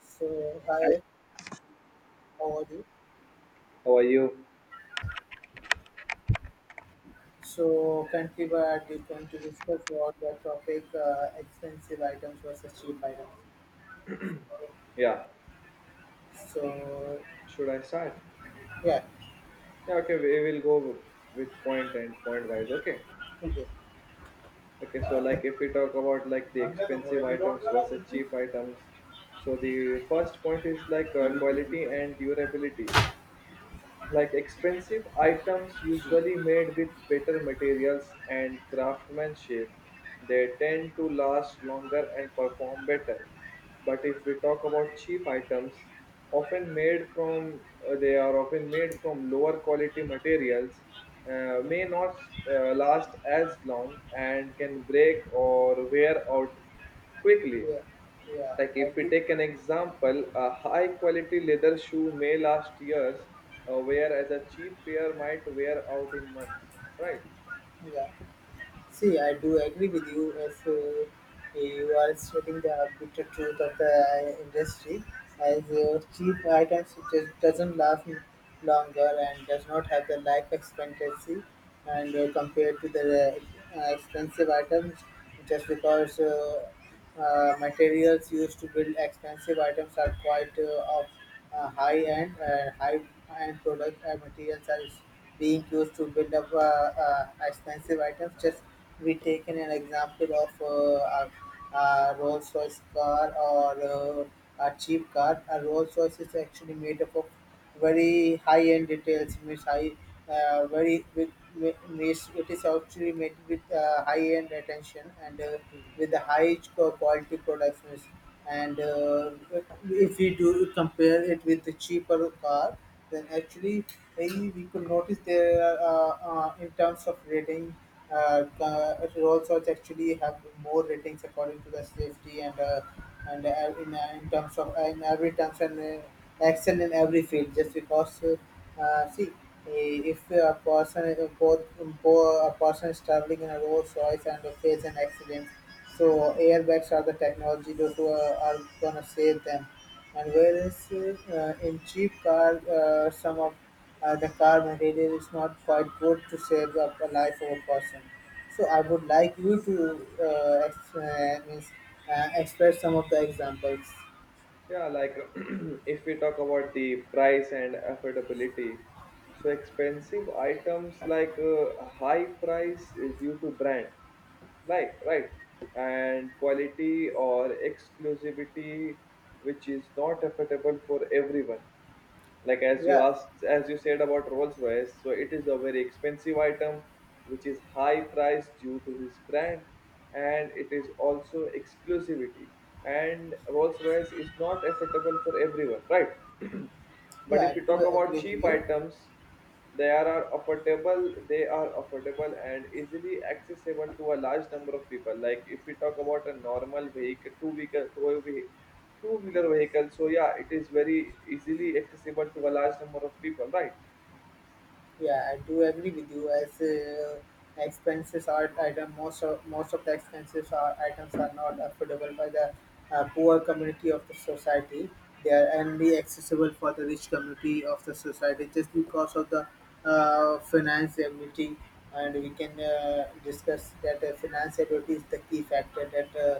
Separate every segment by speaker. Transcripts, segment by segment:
Speaker 1: So,
Speaker 2: Hi,
Speaker 1: hi, how are you?
Speaker 2: how are you?
Speaker 1: So, currently we are going to discuss about the topic expensive items versus cheap items.
Speaker 2: Yeah,
Speaker 1: So,
Speaker 2: should I start?
Speaker 1: yeah,
Speaker 2: Yeah, okay, we will go with point and point wise. Okay,
Speaker 1: okay.
Speaker 2: okay, so like if we talk about like the expensive items versus cheap items, so the first point is like quality and durability. Like expensive items usually made with better materials and craftsmanship, they tend to last longer and perform better. But if we talk about cheap items, often made from they are often made from lower quality materials, may not last as long and can break or wear out quickly.
Speaker 1: Yeah, yeah,
Speaker 2: Like
Speaker 1: I
Speaker 2: if we
Speaker 1: think,
Speaker 2: take an example, a high quality leather shoe may last years, whereas a cheap pair might wear out in months, right?
Speaker 1: yeah. See, I do agree with you. As you are stating the bitter truth of the industry, as cheap items just doesn't last longer and does not have the life expectancy, and compared to the expensive items, just because materials used to build expensive items are quite of high end. High end product materials are being used to build up expensive items. Just we taken an example of a Rolls Royce car or a cheap car. A Rolls Royce is actually made up of very high end details, means high means it is actually made with high end attention, and with
Speaker 2: Mhm.
Speaker 1: the quality products means. And if we do compare it with the cheaper car, then actually maybe we could notice there in terms of rating, resorts actually have more ratings according to the safety, and in terms of in every terms and action in every field, just because see, if a person both, both a person is traveling in a Rolls Royce and face an accident, so airbags are the technology those who are gonna save them. And whereas in cheap car, some of the car material is not quite good to save up a life of a person. So I would like you to means, express some of the examples.
Speaker 2: Yeah, like if we talk about the price and affordability, so expensive items like high price due to brand, like, right, and quality or exclusivity, which is not affordable for everyone. Like as you
Speaker 1: Yeah,
Speaker 2: asked, as you said about rolls royce, so it is a very expensive item which is high priced due to his brand, and it is also exclusivity, and rolls royce is not affordable for everyone, right? But
Speaker 1: yeah,
Speaker 2: if
Speaker 1: I
Speaker 2: you
Speaker 1: do
Speaker 2: talk about
Speaker 1: agree
Speaker 2: cheap
Speaker 1: with you.
Speaker 2: items, they are affordable and easily accessible to a large number of people. Like if we talk about a normal vehicle, two-wheeler vehicle. So yeah, it is very easily accessible to a large number of people, right?
Speaker 1: Yeah, I do agree with you. As expenses are item, most of the expenses are items are not affordable by the poor community of the society. They are only accessible for the rich community of the society, just because of the finance. And we can discuss that finance is the key factor that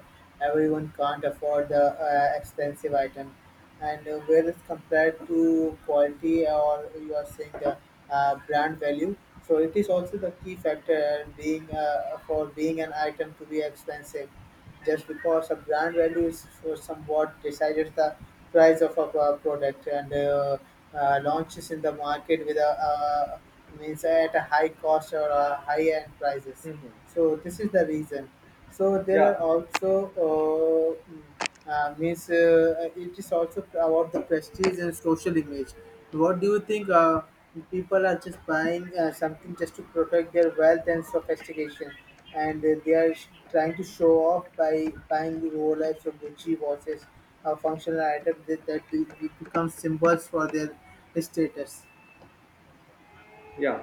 Speaker 1: everyone can't afford the expensive item, and where it's compared to quality, or you are saying the brand value. So it is also the key factor being for being an item to be expensive. Just because a brand value is for somewhat decided the price of a product, and launches in the market with a means at a high cost or a high end prices.
Speaker 2: Hmm.
Speaker 1: So this is the reason. So there
Speaker 2: Yeah,
Speaker 1: are also uh, means it is also about the prestige and social image. What do you think? People are just buying something just to protect their wealth and sophistication, and they are trying to show off by buying Rolex or Gucci watches, functional items that become symbols for their status.
Speaker 2: yeah,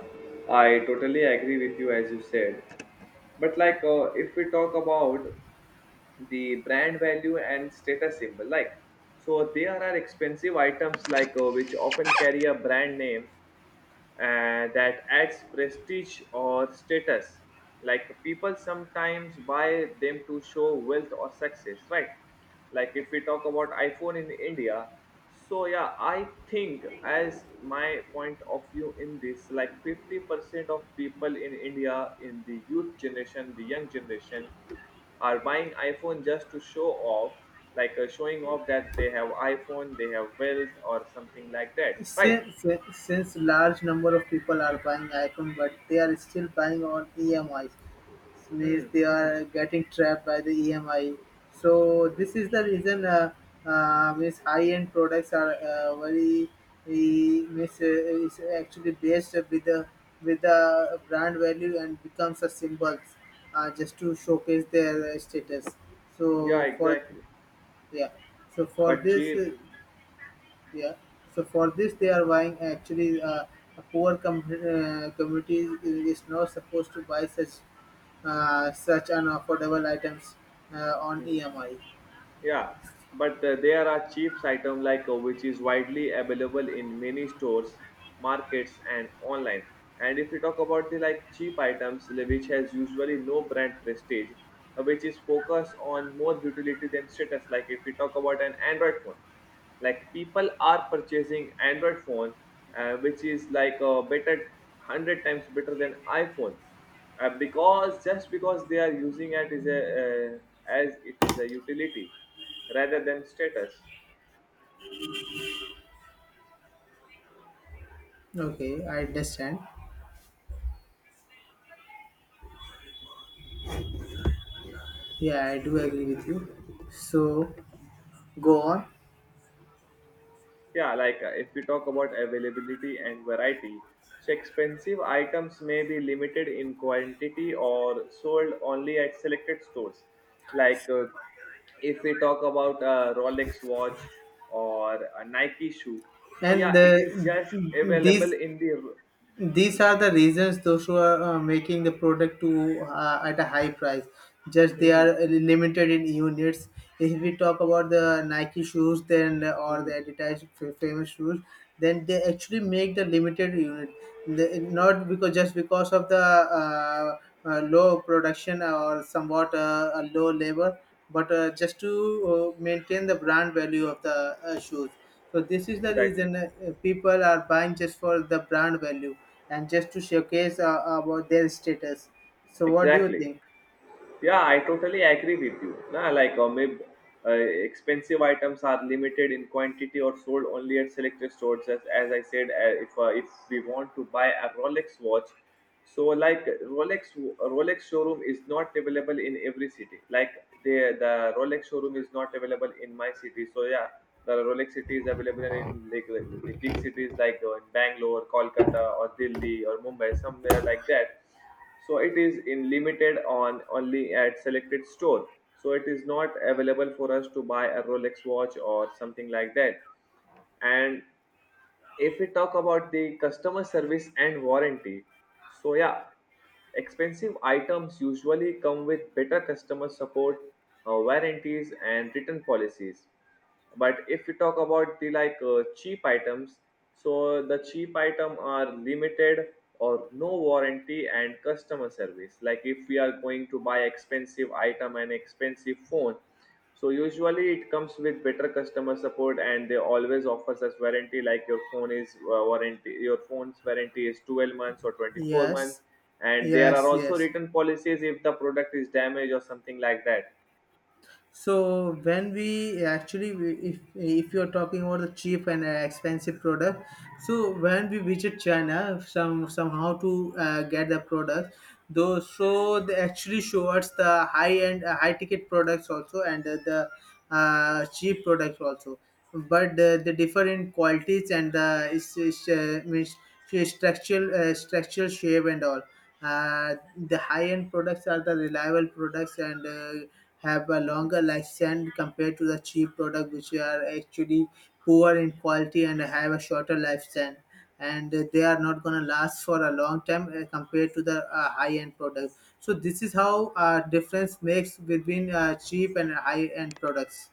Speaker 2: I totally agree with you as you said. But like, if we talk about the brand value and status symbol, like, so there are expensive items like which often carry a brand name that adds prestige or status. Like people sometimes buy them to show wealth or success, right? Like if we talk about iPhone in India, so yeah, I think as my point of view in this, like 50% of people in India, in the youth generation, the young generation, are buying iPhone just to show off, like showing off that they have iPhone, they have wealth or something like that, right?
Speaker 1: Since large number of people are buying iPhone, but they are still buying on EMIs. This means
Speaker 2: Hmm.
Speaker 1: they are getting trapped by the EMI. So this is the reason. Means high-end products are very means is actually based with the brand value and becomes a symbol just to showcase their status.
Speaker 2: Yeah,
Speaker 1: So for
Speaker 2: exactly.
Speaker 1: yeah, so for
Speaker 2: But
Speaker 1: this.
Speaker 2: cheap.
Speaker 1: Yeah. So for this, they are buying actually a poor community is not supposed to buy such such unaffordable items on
Speaker 2: Mhm.
Speaker 1: EMI.
Speaker 2: Yeah, but there are cheap item like which is widely available in many stores, markets, and online. And if you talk about the like cheap items, which has usually no brand prestige, which is focused on more utility than status. Like if you talk about an Android phone, like people are purchasing Android phone, which is like a better hundred times better than iPhone, because just because they are using it, is a as it is a utility rather than status.
Speaker 1: Okay, I understand. Yeah, I do agree with you. So go on,
Speaker 2: Yeah, like if we talk about availability and variety, so expensive items may be limited in quantity or sold only at selected stores. Like if we talk about a rolex watch or a nike shoe, so
Speaker 1: and
Speaker 2: yeah, it is just available
Speaker 1: these.
Speaker 2: in the
Speaker 1: These
Speaker 2: Mhm.
Speaker 1: are the reasons those who are making the product to at a high price. Just they are
Speaker 2: Mhm.
Speaker 1: limited in units. If we talk about the Nike shoes, then or
Speaker 2: Mhm.
Speaker 1: the advertised famous shoes, then they actually make the limited unit. They, not because just because of the low production or somewhat a low labor, but just to maintain the brand value of the shoes. So this is the
Speaker 2: Exactly.
Speaker 1: reason people are buying just for the brand value and just to showcase about their status. So what do you
Speaker 2: Exactly.
Speaker 1: think?
Speaker 2: Yeah, I totally agree with you. Nah, like maybe expensive items are limited in quantity or sold only at selected stores. As I said, if if we want to buy a Rolex watch, so like Rolex showroom is not available in every city. Like the Rolex showroom is not available in my city. So yeah, the Rolex city is available in like the big cities like Bangalore, Kolkata, or Delhi, or Mumbai, somewhere like that. So it is in limited on only at selected store, so it is not available for us to buy a rolex watch or something like that. And if we talk about the customer service and warranty, so yeah, expensive items usually come with better customer support, warranties and return policies. But if we talk about the like cheap items, so the cheap item are limited or no warranty and customer service. Like if we are going to buy expensive item and expensive phone, so usually it comes with better customer support and they always offers us warranty, like your phone's warranty is 12 months or 24
Speaker 1: Yes,
Speaker 2: months. And there are
Speaker 1: yes,
Speaker 2: also
Speaker 1: yes.
Speaker 2: written policies if the product is damaged or something like that.
Speaker 1: So when we actually, if you are talking about the cheap and expensive product, so when we visit China, some somehow to get the product, though so they actually show us the high end, high ticket products also, and the cheap products also, but they differ in qualities and the means structural shape and all. Uh, the high end products are the reliable products and. Have a
Speaker 2: Mhm.
Speaker 1: longer lifespan compared to the cheap product which are actually poor in quality and have a shorter lifespan, and they are not going to last for a long time compared to the high end products. So this is how difference makes between cheap and high end products.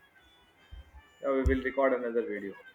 Speaker 2: We will record another video